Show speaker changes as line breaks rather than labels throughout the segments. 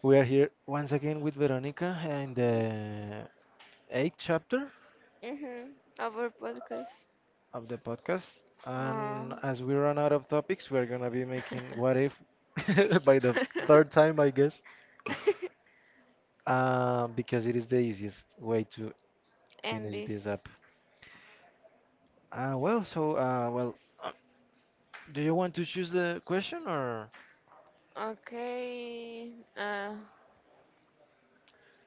We are here once again with Veronica in the eighth chapter
Mm-hmm. Our podcast.
of the podcast.
Uh,
And as we run out of topics, we're gonna be making what if by the third time, I guess, because it is the easiest way to
and
finish
this.
this up. Uh, well, so uh, well, uh, do you want to choose the question or
Okay. Uh,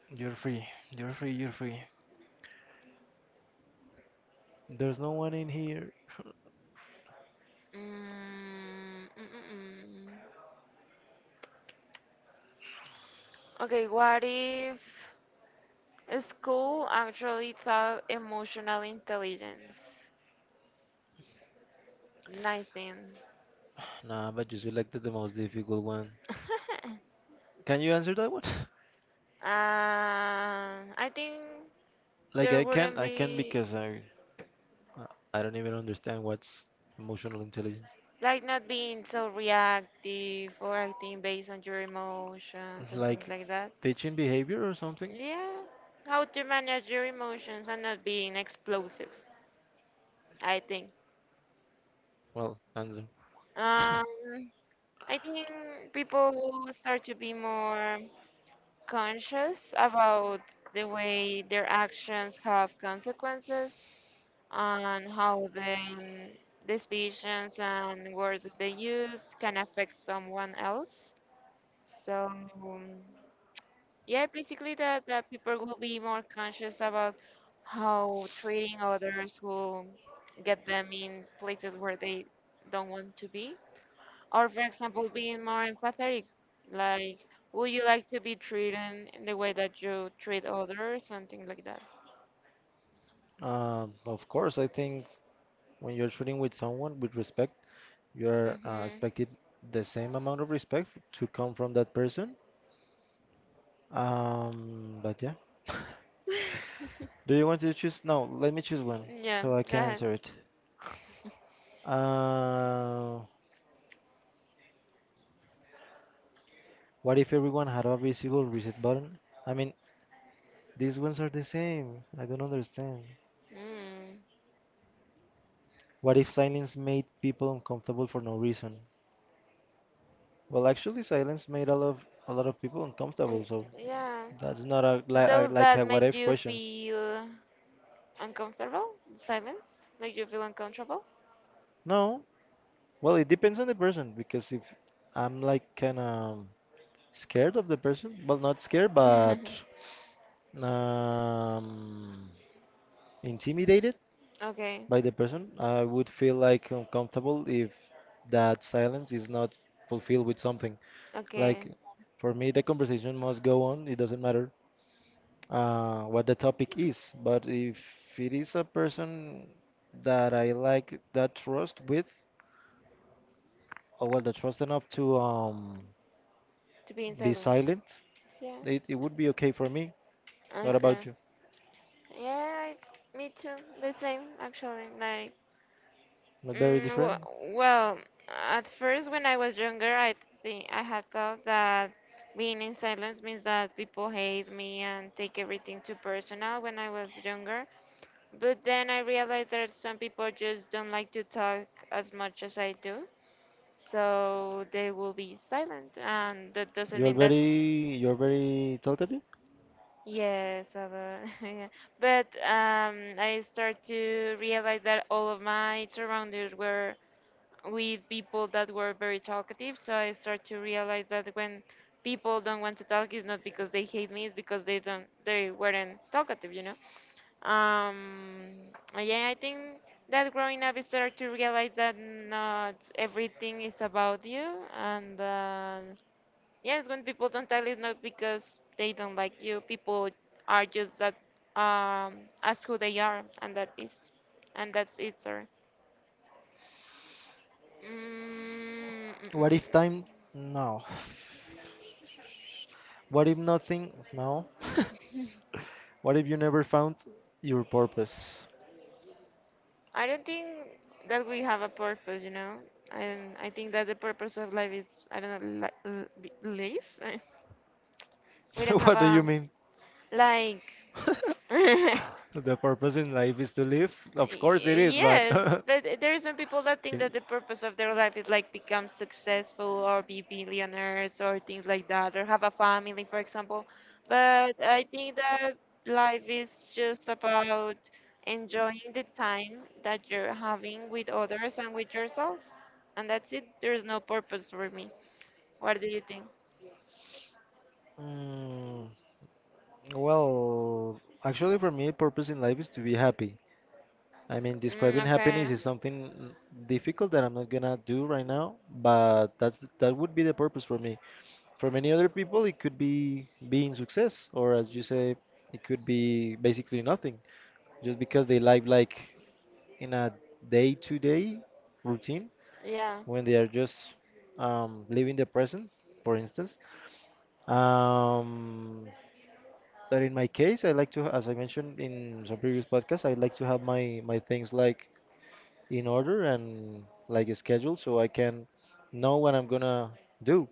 you're free? You're free. You're free. There's no one in here.
mm, mm, mm, mm. Okay, what if school actually taught emotional intelligence? 19.
Nah, but you selected the most difficult one. Can you answer that one?
Um, I think
Like
there
I can
wouldn't
I can
be
because uh, I don't even understand what's emotional intelligence.
like not being so reactive or acting based on your emotions and things
Like
like that.
teaching behavior or something?
Yeah, how to manage your emotions and not being explosive, I think.
Well, answer.
Um, I think people start to be more conscious about the way their actions have consequences and how the decisions and words that they use can affect someone else. So, um, yeah, basically that people will be more conscious about how treating others will get them in places where they don't want to be. Or for example, being more empathetic. Like, would you like to be treated in the way that you treat others? Something like that.
Of course, I think when you're treating with someone with respect, you're
Hmm.
expected the same amount of respect to come from that person. But yeah. Do you want to choose? No, let me choose one
Yeah,
so I
go
can
ahead.
answer it. Uh, What if everyone had a visible reset button? I mean, these ones are the same. I don't understand.
Mm.
What if silence made people uncomfortable for no reason? Well, actually, silence made a lot of people
Mm,
uncomfortable, so
yeah.
that's not a, a
Those
like
that
a what
make
if
you
questions.
feel uncomfortable? Silence? Make you feel uncomfortable?
No, well, it depends on the person because if I'm like kind of scared of the person, well, not scared, but um, intimidated
Okay,
by the person. I would feel like uncomfortable if that silence is not fulfilled with something.
okay,
Like for me, the conversation must go on. It doesn't matter what the topic is, but if it is a person that I like that trust with, or well, the trust enough to
to be
be
inside of it.
silent,
Yeah,
it would be okay for me. What
okay.
about you?
Yeah, like, me too. The same, actually. Like,
Not very
mm, w
different.
well, at first when I was younger, I think I had thought that being in silence means that people hate me and take everything too personal when I was younger. But then I realized that some people just don't like to talk as much as I do. So they will be silent, and that doesn't
You're
mean that.
very you're very talkative.
Yes, I will. Yeah. But I start to realize that all of my surroundings were with people that were very talkative. So I start to realize that when people don't want to talk, it's not because they hate me, it's because they weren't talkative, you know. Um, yeah, I think that growing up, I started to realize that not everything is about you, and. Yes, when people don't tell it's not because they don't like you. People are just that um as who they are, and and that's it. Sorry. mm, mm, mm,
What
mm.
if time?
mm.
No. What if nothing? No. What if you never found your purpose?
I don't think that we have a purpose, you know. And I think that the purpose of life is I don't know, live. We don't have
What do you
a
mean?
like.
The purpose in life is to live? Of course it is, but
Yes, but there is some people that
yeah.
think that the purpose of their life is like become successful or be billionaires or things like that or have a family, for example. But I think that life is just about enjoying the time that you're having with others and with yourself. And that's it. There's no purpose for me. What do you think?
Mm, well, actually, for me, purpose in life is to be happy. I mean,
Mm,
describing happiness
okay.
is something difficult that I'm not gonna do right now, but that would be the purpose for me. For many other people, it could be being success, or as you say, it could be basically nothing, just because they live like in a day-to-day routine
Yeah.
when they are just living the present, for instance. Um, but in my case, I like to, as I mentioned in some previous podcasts, I like to have my things like in order and like a schedule so I can know what I'm gonna do.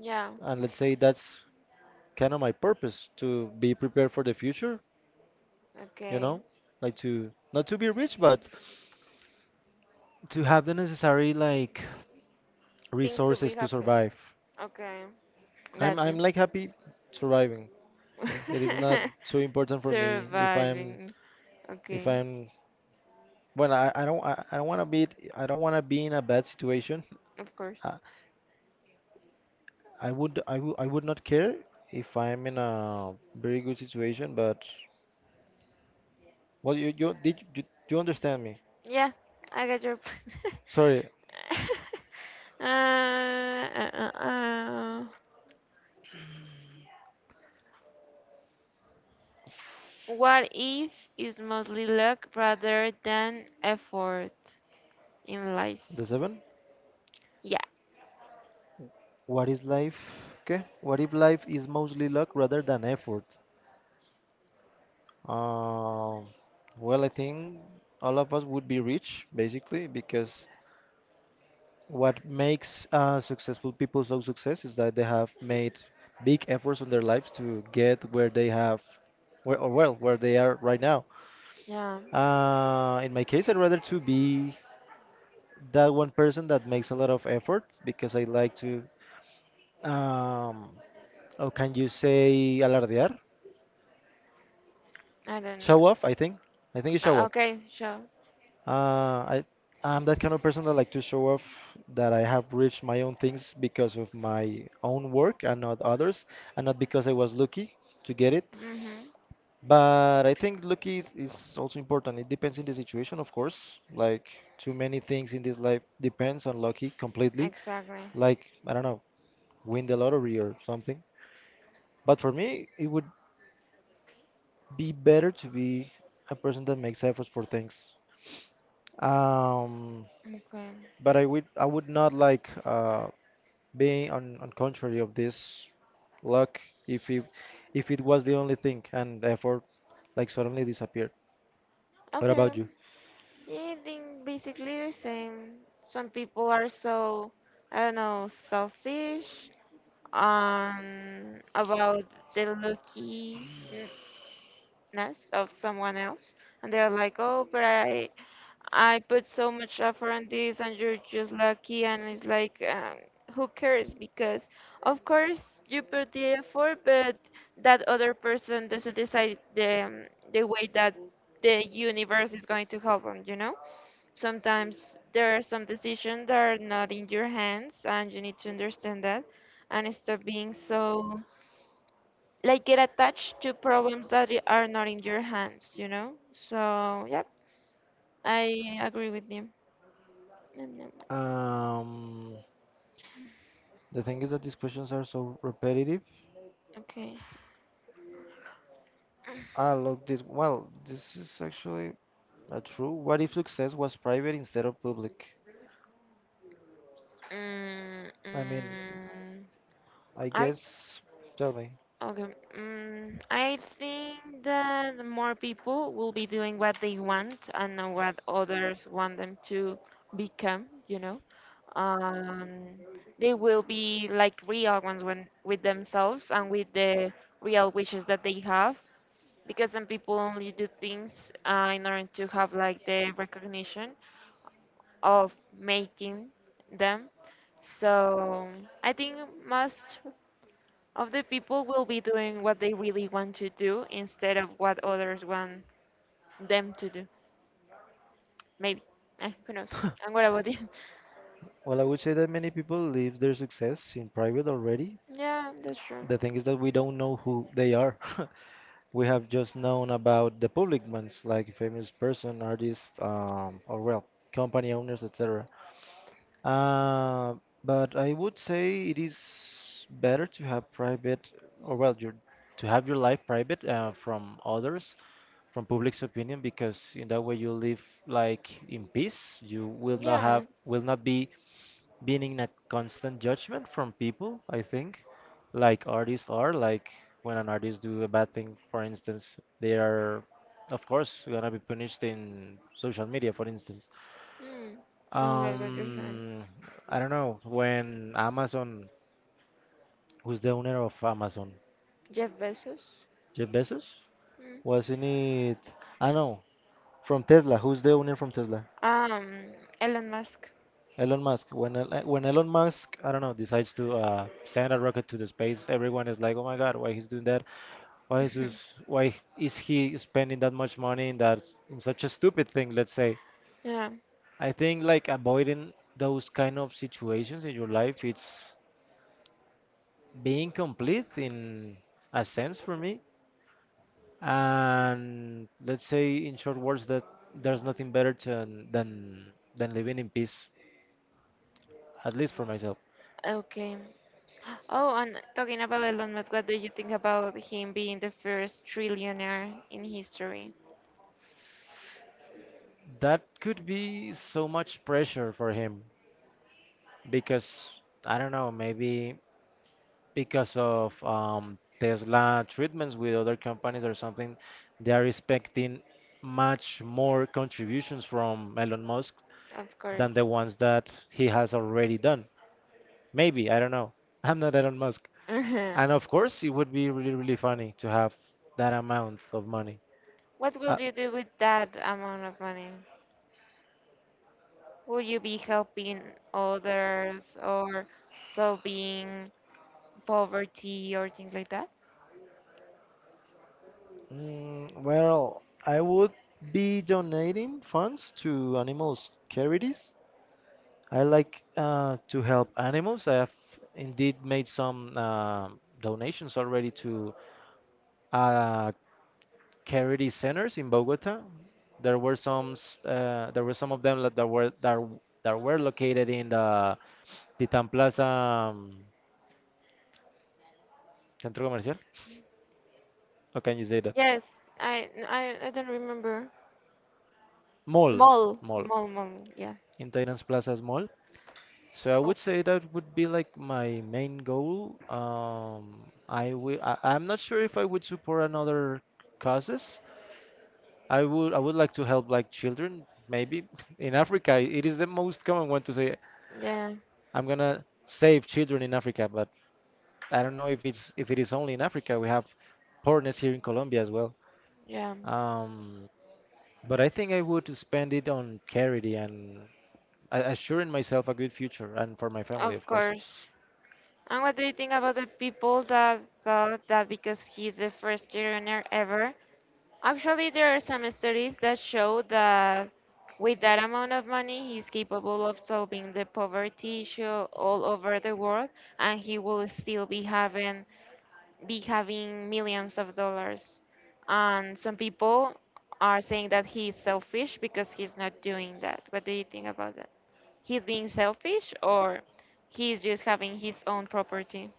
Yeah.
And let's say that's kind of my purpose to be prepared for the future, you
Okay.
know, like to not to be rich, but to have the necessary like
Things to be
resources to
happy.
survive.
Okay. Got
I'm
you.
I'm like happy surviving. It is not so important for me
Surviving.
if
Okay,
I'm well I don't wanna be in a bad situation.
of course.
I, I would not care if I'm in a very good situation, but well, you understand me?
Yeah, I get your point.
Sorry,
uh, uh, uh, uh. What if is mostly luck rather than effort in life?
the seven.
Yeah,
What is life? Okay. What if life is mostly luck rather than effort? Um. Well, I think all of us would be rich basically because what makes successful people so success is that they have made big efforts on their lives to get where they have, where or well, where they are right now.
yeah,
In my case, I'd rather to be that one person that makes a lot of effort because I like to, um, or can you say alardear?
I don't know.
Show off, I think. I think it's show off.
Okay, sure.
Uh, I, I'm that kind of person that like to show off that I have reached my own things because of my own work and not others, and not because I was lucky to get it.
Mm-hmm,
But I think lucky is also important. It depends on the situation, of course. Like too many things in this life depends on lucky completely.
exactly.
Like I don't know, win the lottery or something. But for me, it would be better to be a person that makes efforts for things. Um,
Okay,
but I would not like being on contrary of this luck if it if it was the only thing and effort like suddenly disappeared. What
okay.
about you?
Yeah, I think basically the same. Some people are so, I don't know, selfish about the lookiness of someone else, and they're like, "Oh, I put so much effort on this, and you're just lucky." And it's like, who cares? Because of course you put the effort, but that other person doesn't decide the way that the universe is going to help them, you know? Sometimes there are some decisions that are not in your hands, and you need to understand that and stop being so like get attached to problems that are not in your hands, you know? So, yep, I agree with you. Nom, nom, nom.
Um, the thing is that these questions are so repetitive.
Okay.
Ah, look, this, well, this is actually not true. What if success was private instead of public?
Mm,
I mean,
mm,
I
I
guess, tell me.
Okay. Mm, I think that more people will be doing what they want and not what others want them to become, you know. Um, they will be like real ones when with themselves and with the real wishes that they have. Because some people only do things in order to have like the recognition of making them. So I think most of the people will be doing what they really want to do instead of what others want them to do. Maybe. Eh, who knows? And what about you?
Well, I would say that many people live their success in private already.
Yeah, that's true.
The thing is that we don't know who they are. We have just known about the public ones, like famous person, artists, or well, company owners, etc. Uh, but I would say it is better to have private, or well, your to have your life private from others, from public's opinion, because in that way you live like in peace. You will not have,
Yeah.
will not be being in a constant judgment from people. I think, like artists are, like when an artist do a bad thing, for instance, they are, of course, gonna be punished in social media, for instance.
Hmm. Oh my God, you're right.
Um, I don't know. When Amazon, who's the owner of Amazon?
Jeff Bezos.
Jeff Bezos?
Hmm.
Wasn't it? I know. From Tesla. Who's the owner from Tesla?
Um, Elon Musk.
Elon Musk. When when Elon Musk, I don't know, decides to send a rocket to the space, everyone is like, "Oh my God, why he's doing that? Why is this, why is he spending that much money in that in such a stupid thing?" Let's say.
Yeah.
I think like avoiding those kind of situations in your life, it's being complete in a sense for me. And let's say, in short words, that there's nothing better to, than living in peace, at least for myself.
Okay. Oh, and talking about Elon Musk, what do you think about him being the first trillionaire in history?
That could be so much pressure for him because I don't know, maybe because of Tesla treatments with other companies or something, they are expecting much more contributions from Elon Musk
Of course.
than the ones that he has already done. Maybe, I don't know. I'm not Elon Musk. And of course, it would be really, really funny to have that amount of money.
What
Uh,
will you do with that amount of money? Would you be helping others or solving poverty or things like that?
well, I would be donating funds to animals charities. I like to help animals. I have indeed made some donations already to a charity centers in Bogota. There were there were some of them that were located in the Titan Plaza Centro Comercial. How can you say that?
Yes, I don't remember.
Mall,
Mall,
mall,
mall, mall. Yeah.
in Titans Plaza's mall. So I
Oh,
would say that would be like my main goal. I will. I'm not sure if I would support another causes. I would. I would like to help like children, maybe in Africa. It is the most common one to say.
yeah,
I'm gonna save children in Africa, but I don't know if it is only in Africa. We have partners here in Colombia as well.
yeah.
Um, but I think I would spend it on charity and assuring myself a good future and for my family,
Of
of course.
course. And what do you think about the people that thought that because he's the first trillionaire ever, actually, there are some studies that show that with that amount of money, he's capable of solving the poverty issue all over the world, and he will still be having millions of dollars. And some people are saying that he's selfish because he's not doing that. What do you think about that? He's being selfish, or he's just having his own property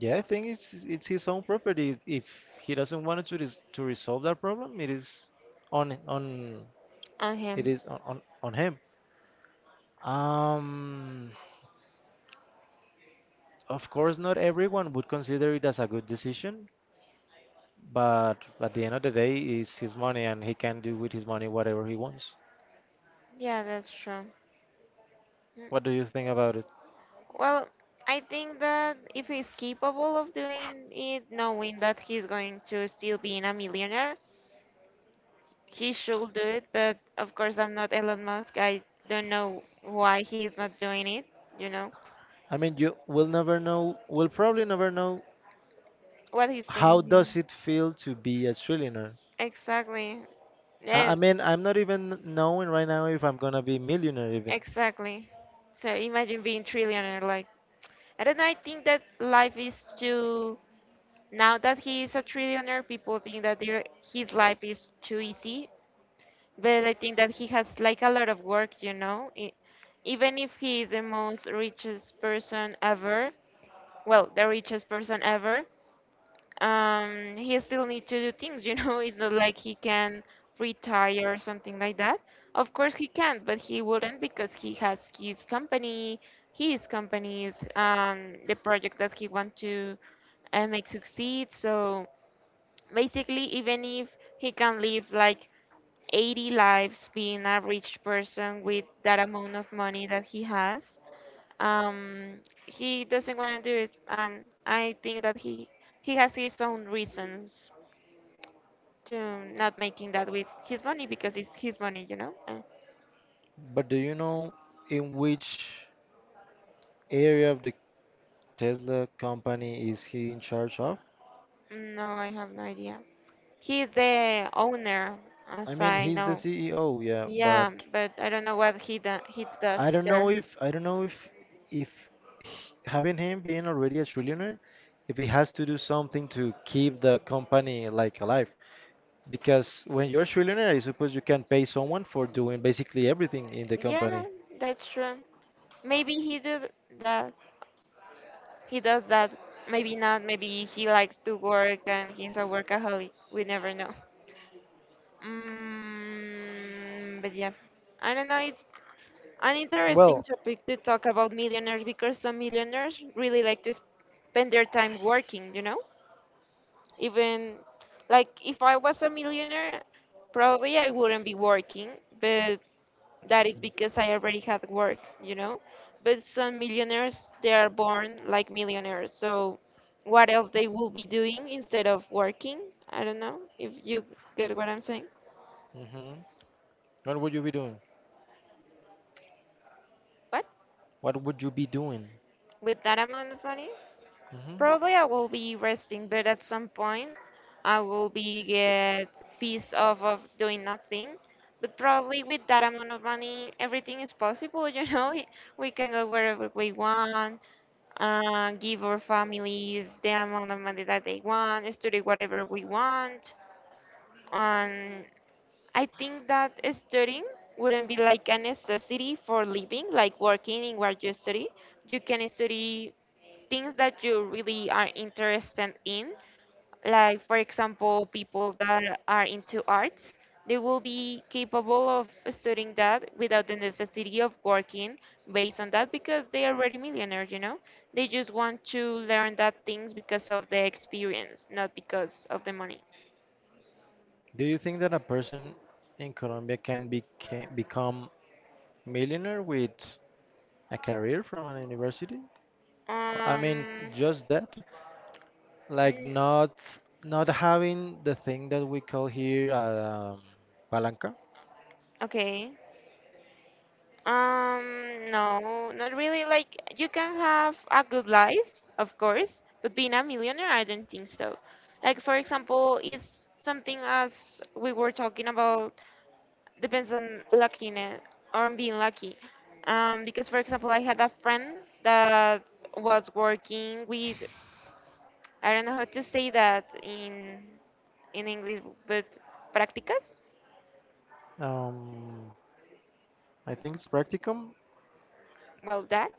Yeah, I think it's his own property. If he doesn't want to resolve that problem, it is on
on him?
on him. Um, of course, not everyone would consider it as a good decision. But at the end of the day, it's his money and he can do with his money whatever he wants.
Yeah, that's true. Mm.
What do you think about it?
Well, I think that if he's capable of doing it, knowing that he's going to still being a millionaire, he should do it. But of course, I'm not Elon Musk. I don't know why he is not doing it. You know
I mean, you will never know, will probably never know
what he's
how does
thinking.
it feel to be a trillionaire.
Exactly. Yeah,
I mean, I'm not even knowing right now if I'm gonna be millionaire even.
exactly. So imagine being trillionaire. Like I don't know. I think that life is too. Now that he is a trillionaire, people think that his life is too easy. But I think that he has like a lot of work, you know. Even if he is the most richest person ever, well, the richest person ever, he still need to do things, you know. It's not like he can retire or something like that. Of course he can, but he wouldn't because he has his company, his companies, the project that he want to make succeed. So basically even if he can live like 80 lives being a rich person with that amount of money that he has um he doesn't want to do it, and I think that he has his own reasons to not making that with his money because it's his money, you know.
But do you know in which area of the Tesla company is he in charge of?
No, I have no idea. He is the owner,
I
as
mean,
I
he's the
know.
CEO, yeah, but
Yeah, but I don't know what he
I
does
don't know
there.
if I don't know if h- having him being already a trillionaire, if he has to do something to keep the company like alive. Because when you're a trillionaire, I suppose you can pay someone for doing basically everything in the
Yeah,
company.
that's true. Maybe he did that. He does that. Maybe not. Maybe he likes to work and he's a workaholic. We never know. Mm, but yeah, I don't know. It's an interesting
Well,
topic to talk about millionaires because some millionaires really like to spend their time working, you know? Even like if I was a millionaire, probably I wouldn't be working, but that is because I already have work, you know? But some millionaires, they are born like millionaires. So what else they will be doing instead of working? I don't know if you get what I'm saying.
hmm, what would you be doing?
But
What would you be doing?
with that amount of money,
Hmm.
probably I will be resting, but at some point I will be get peace off of doing nothing. But probably with that amount of money, everything is possible, you know? We can go wherever we want. Give our families the amount of money that they want, study whatever we want. And I think that studying wouldn't be like a necessity for living, like working in what you study. You can study things that you really are interested in, like for example people that are into arts, they will be capable of studying that without the necessity of working based on that because they are already millionaires, you know, they just want to learn that things because of the experience, not because of the money.
Do you think that a person in Colombia can become millionaire with a career from an university? I mean,
um
just that, like
mm,
not having the thing that we call here palanca.
okay. No, not really. Like, you can have a good life, of course, but being a millionaire, I don't think so. Like, for example, is something as we were talking about depends on luckiness or on being lucky. Because for example, I had a friend that was working with I don't know how to say that in English, but prácticas.
Um, I think it's practicum,
Well, that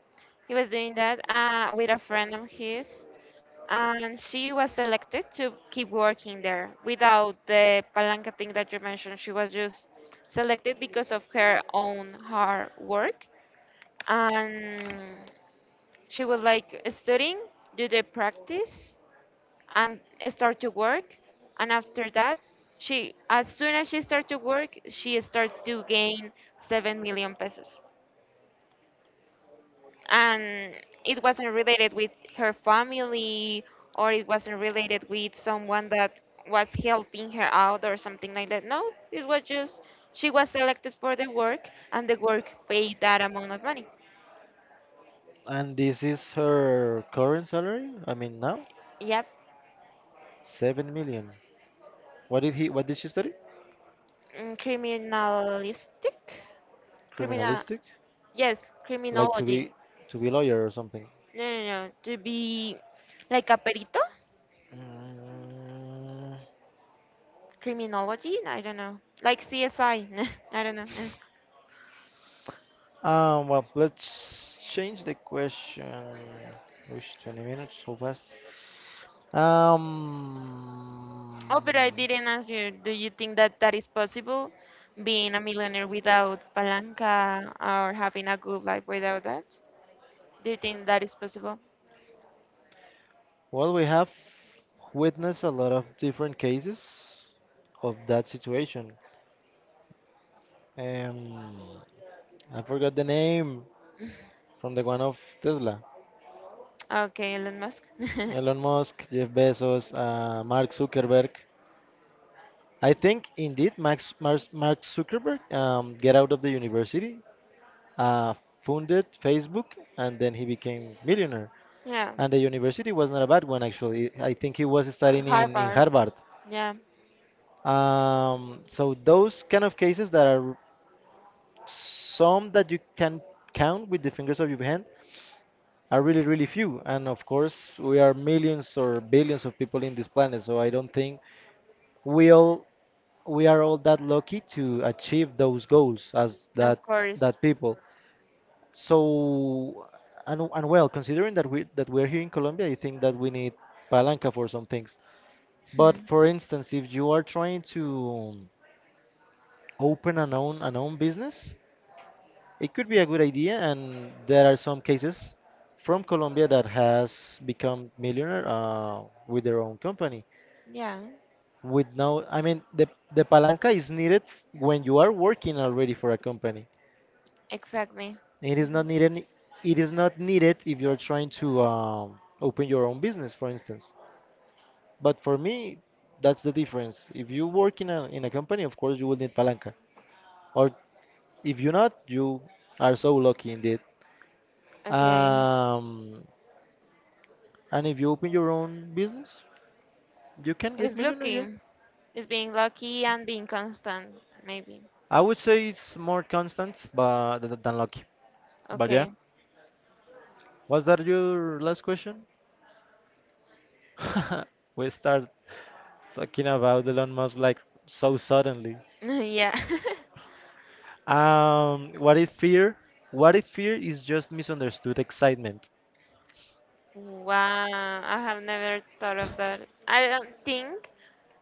he was doing that with a friend of his, and she was selected to keep working there without the palanca thing that you mentioned. She was just selected because of her own hard work, and she was like studying, do the practice, and start to work. And after that, she, as soon as she starts to work, she starts to gain 7 million pesos, and it wasn't related with her family, or it wasn't related with someone that was helping her out or something like that. No, it was just she was selected for the work and the work paid that amount of money.
and this is her current salary. I mean, now
Yep,
7 million. What did he? What did she study?
mm, criminalistic, criminal,
Criminalistic,
yes,
like
criminology.
to be lawyer or something.
No, no, no, to be like a perito,
Mm.
criminology. I don't know, like CSI. I I don't know.
Well, let's change the question. Wish 20 minutes so fast. Um,
Oh, but I didn't ask you. Do you think that that is possible, being a millionaire without palanca or having a good life without that? Do you think that is possible?
well, we have witnessed a lot of different cases of that situation. Um, I forgot the name from the one of Tesla.
Okay, Elon Musk.
Elon Musk, Jeff Bezos, Mark Zuckerberg. I think indeed Max, Mars Mark Zuckerberg get out of the university uh, founded Facebook, and then he became millionaire.
Yeah,
And the university was not a bad one, actually. I think he was studying in
Harvard.
Harvard.
Yeah,
So those kind of cases that are some that you can count with the fingers of your hand are really, really few. And of course, we are millions or billions of people in this planet, so I don't think we all we are all that lucky to achieve those goals as
of course.
that people. So, and well, considering that we're here in Colombia, I think that we need palanca for some things. But
Hmm.
for instance, if you are trying to open an own business, it could be a good idea. And there are some cases from Colombia that has become millionaire with their own company.
Yeah,
With no, I mean, the palanca is needed when you are working already for a company.
exactly.
It is not
Mhm.
needed. It is not needed if you're trying to open your own business, for instance. But for me, that's the difference. If you work in a company, of course you will need palanca. Or if you're not, you are so lucky indeed.
Okay,
Um, and if you open your own business, you can get
it's
millionaire.
lucky.
Yeah,
It's being lucky and being constant, maybe.
I would say it's more constant, but than lucky. But yeah,
Okay.
was that your last question? We start talking about Elon Musk like so suddenly.
Yeah.
Um, what if fear? What if fear is just misunderstood excitement?
Wow, I have never thought of that. I don't think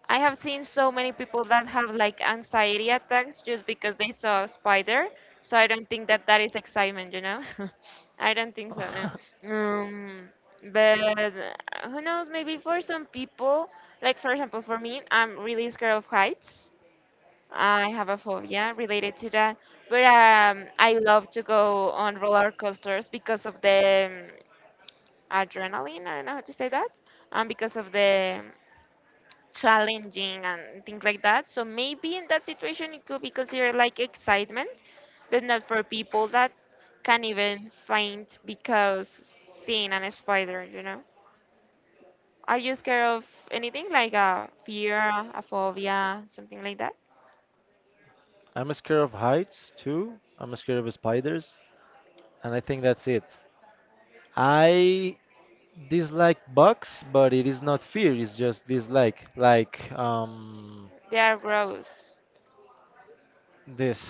I have seen so many people that have like anxiety attacks just because they saw a spider. So I don't think that that is excitement, you know? I don't think so. Um, but Who knows? Maybe for some people, like for example, for me, I'm really scared of heights. I have a phobia related to that. But I love to go on roller coasters because of the adrenaline. I don't know how to say that. Because of the challenging and things like that. So maybe in that situation it could be considered like excitement, but not for people that can even faint because seeing a spider, you know. Are you scared of anything like a fear, a phobia, something like that?
I'm scared of heights too. I'm scared of spiders, and I think that's it. I dislike bugs, but it is not fear. It's just dislike. Like
They are gross.
this.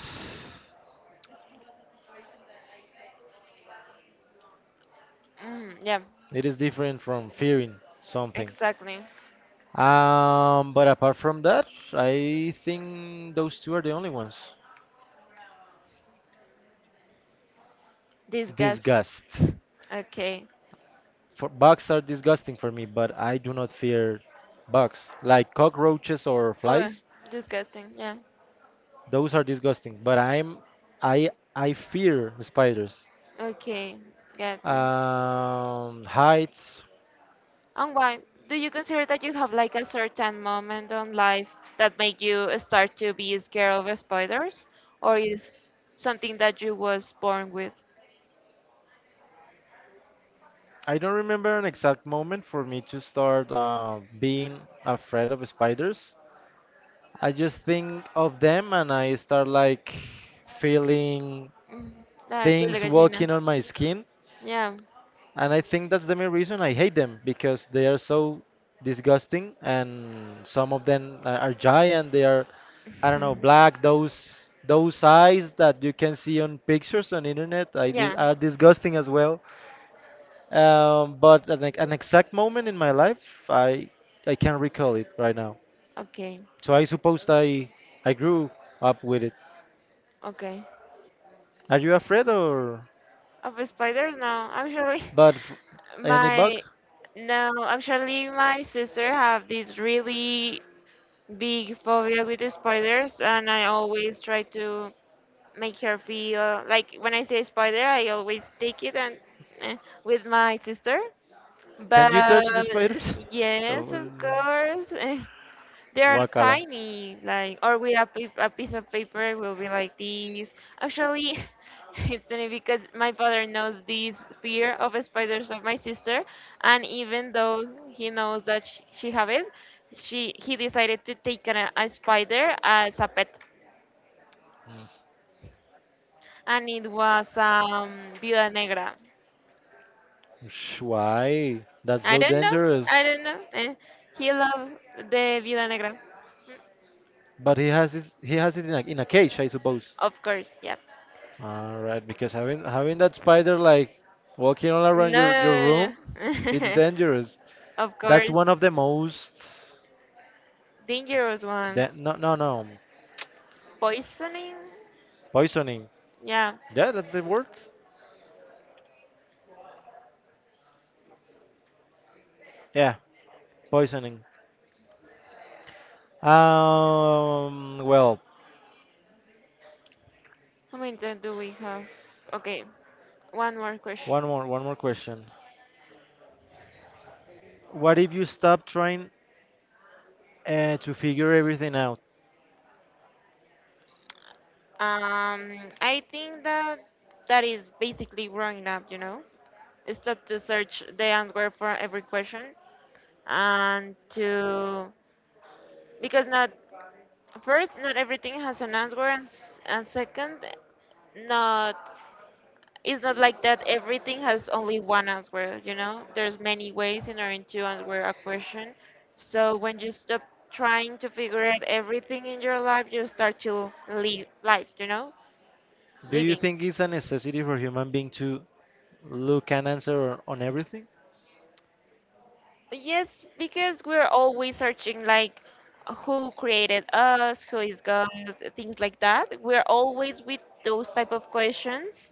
Mm, yeah,
It is different from fearing something.
exactly.
But apart from that, I think those two are the only ones.
Disgust.
Disgust.
Okay.
For, bugs are disgusting for me, but I do not fear bugs. Like cockroaches or
Well,
flies,
disgusting. Yeah.
those are disgusting. But I fear spiders.
Okay. Got you.
Heights.
And why do you consider that you have like a certain moment on life that make you start to be scared of spiders, or is something that you was born with?
I don't remember an exact moment for me to start being afraid of spiders. I just think of them and I start like feeling
Mm, I feel
things
like gallina.
walking on my skin.
Yeah.
And I think that's the main reason I hate them because they are so disgusting and some of them are giant. They are, I don't know, black. Those eyes that you can see on pictures on internet I dis
Yeah.
are disgusting as well. An exact moment in my life, I I can't recall it right now.
Okay.
So I suppose I grew up with it.
Okay.
Are you afraid or
Of spiders? No, actually,
but f- any bug?
my no, actually, my sister have this really big phobia with the spiders, and I always try to make her feel like when I say spider, I always take it and eh, with my sister.
Can
But
you touch the spiders?
yes,
Oh,
of
no.
course, eh, they are
Wakala.
tiny, like or with a, pa- a piece of paper it will be like this. Actually, it's funny because my father knows this fear of spiders of my sister, and even though he knows that she have it, she he decided to take an, a spider as a pet and it was Viuda Negra.
Why? That's
I
so
don't know.
dangerous.
I don't know. Eh, he loved the Viuda Negra. Mm,
But he has his, he has it in a cage, I suppose.
of course, yep.
All right, because having that spider like walking all around your
No,
room, it's dangerous.
of
That's
course,
one of the most
dangerous
da-
ones.
no no no
Poisoning?
poisoning.
Yeah.
Yeah, that's the word. Yeah, poisoning. Um, well,
How many time do we have? Okay, one more question.
one more question. What if you stop trying to figure everything out?
I think that that is basically growing up, you know? Stop to search the answer for every question and to, because not first not everything has an answer, and s- and second not, it's not like that everything has only one answer, you know. There's many ways in order to answer a question, so when you stop trying to figure out everything in your life, you start to live life, you know.
Do you
Living.
think it's a necessity for human being to look and answer on everything?
Yes, because we're always searching like who created us, who is God, things like that. We're always with those type of questions,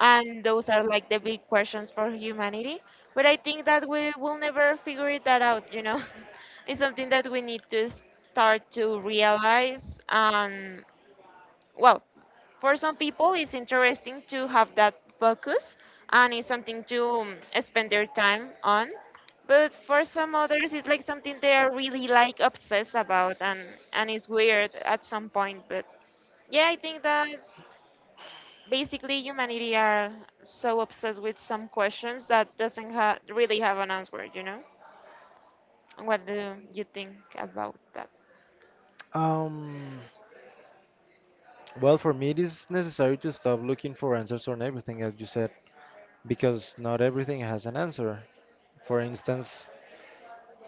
and those are like the big questions for humanity, but I think that we will never figure it that out, you know. It's something that we need to start to realize. Well, for some people it's interesting to have that focus, and it's something to spend their time on. But for some others it's like something they are really like obsessed about, and it's weird at some point. But yeah, I think that basically humanity are so obsessed with some questions that doesn't ha- really have an answer, you know. What do you think about that?
Um, well, for me, it is necessary to stop looking for answers on everything, as you said, because not everything has an answer. For instance,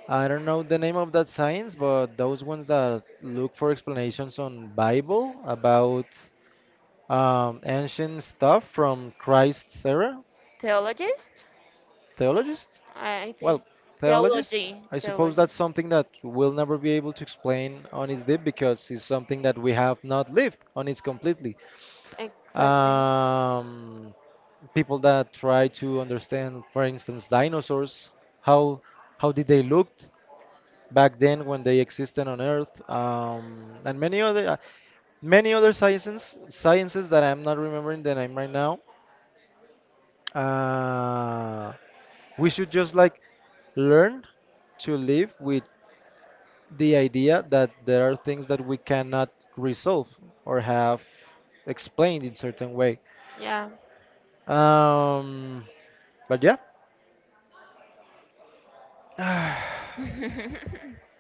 I don't know the name of that science, but those ones that look for explanations on Bible about ancient stuff from Christ's era,
Theologist.
theologists.
I
Well,
think,
theologist,
theology.
I suppose that's something that we'll never be able to explain on its deep because it's something that we have not lived on its completely.
Exactly.
um, People that try to understand, for instance, dinosaurs, how how did they looked back then when they existed on Earth, and many other sciences that I'm not remembering the name right now. Uh, we should just like learn to live with the idea that there are things that we cannot resolve or have explained in certain way.
Yeah.
Um, but Yeah. 唉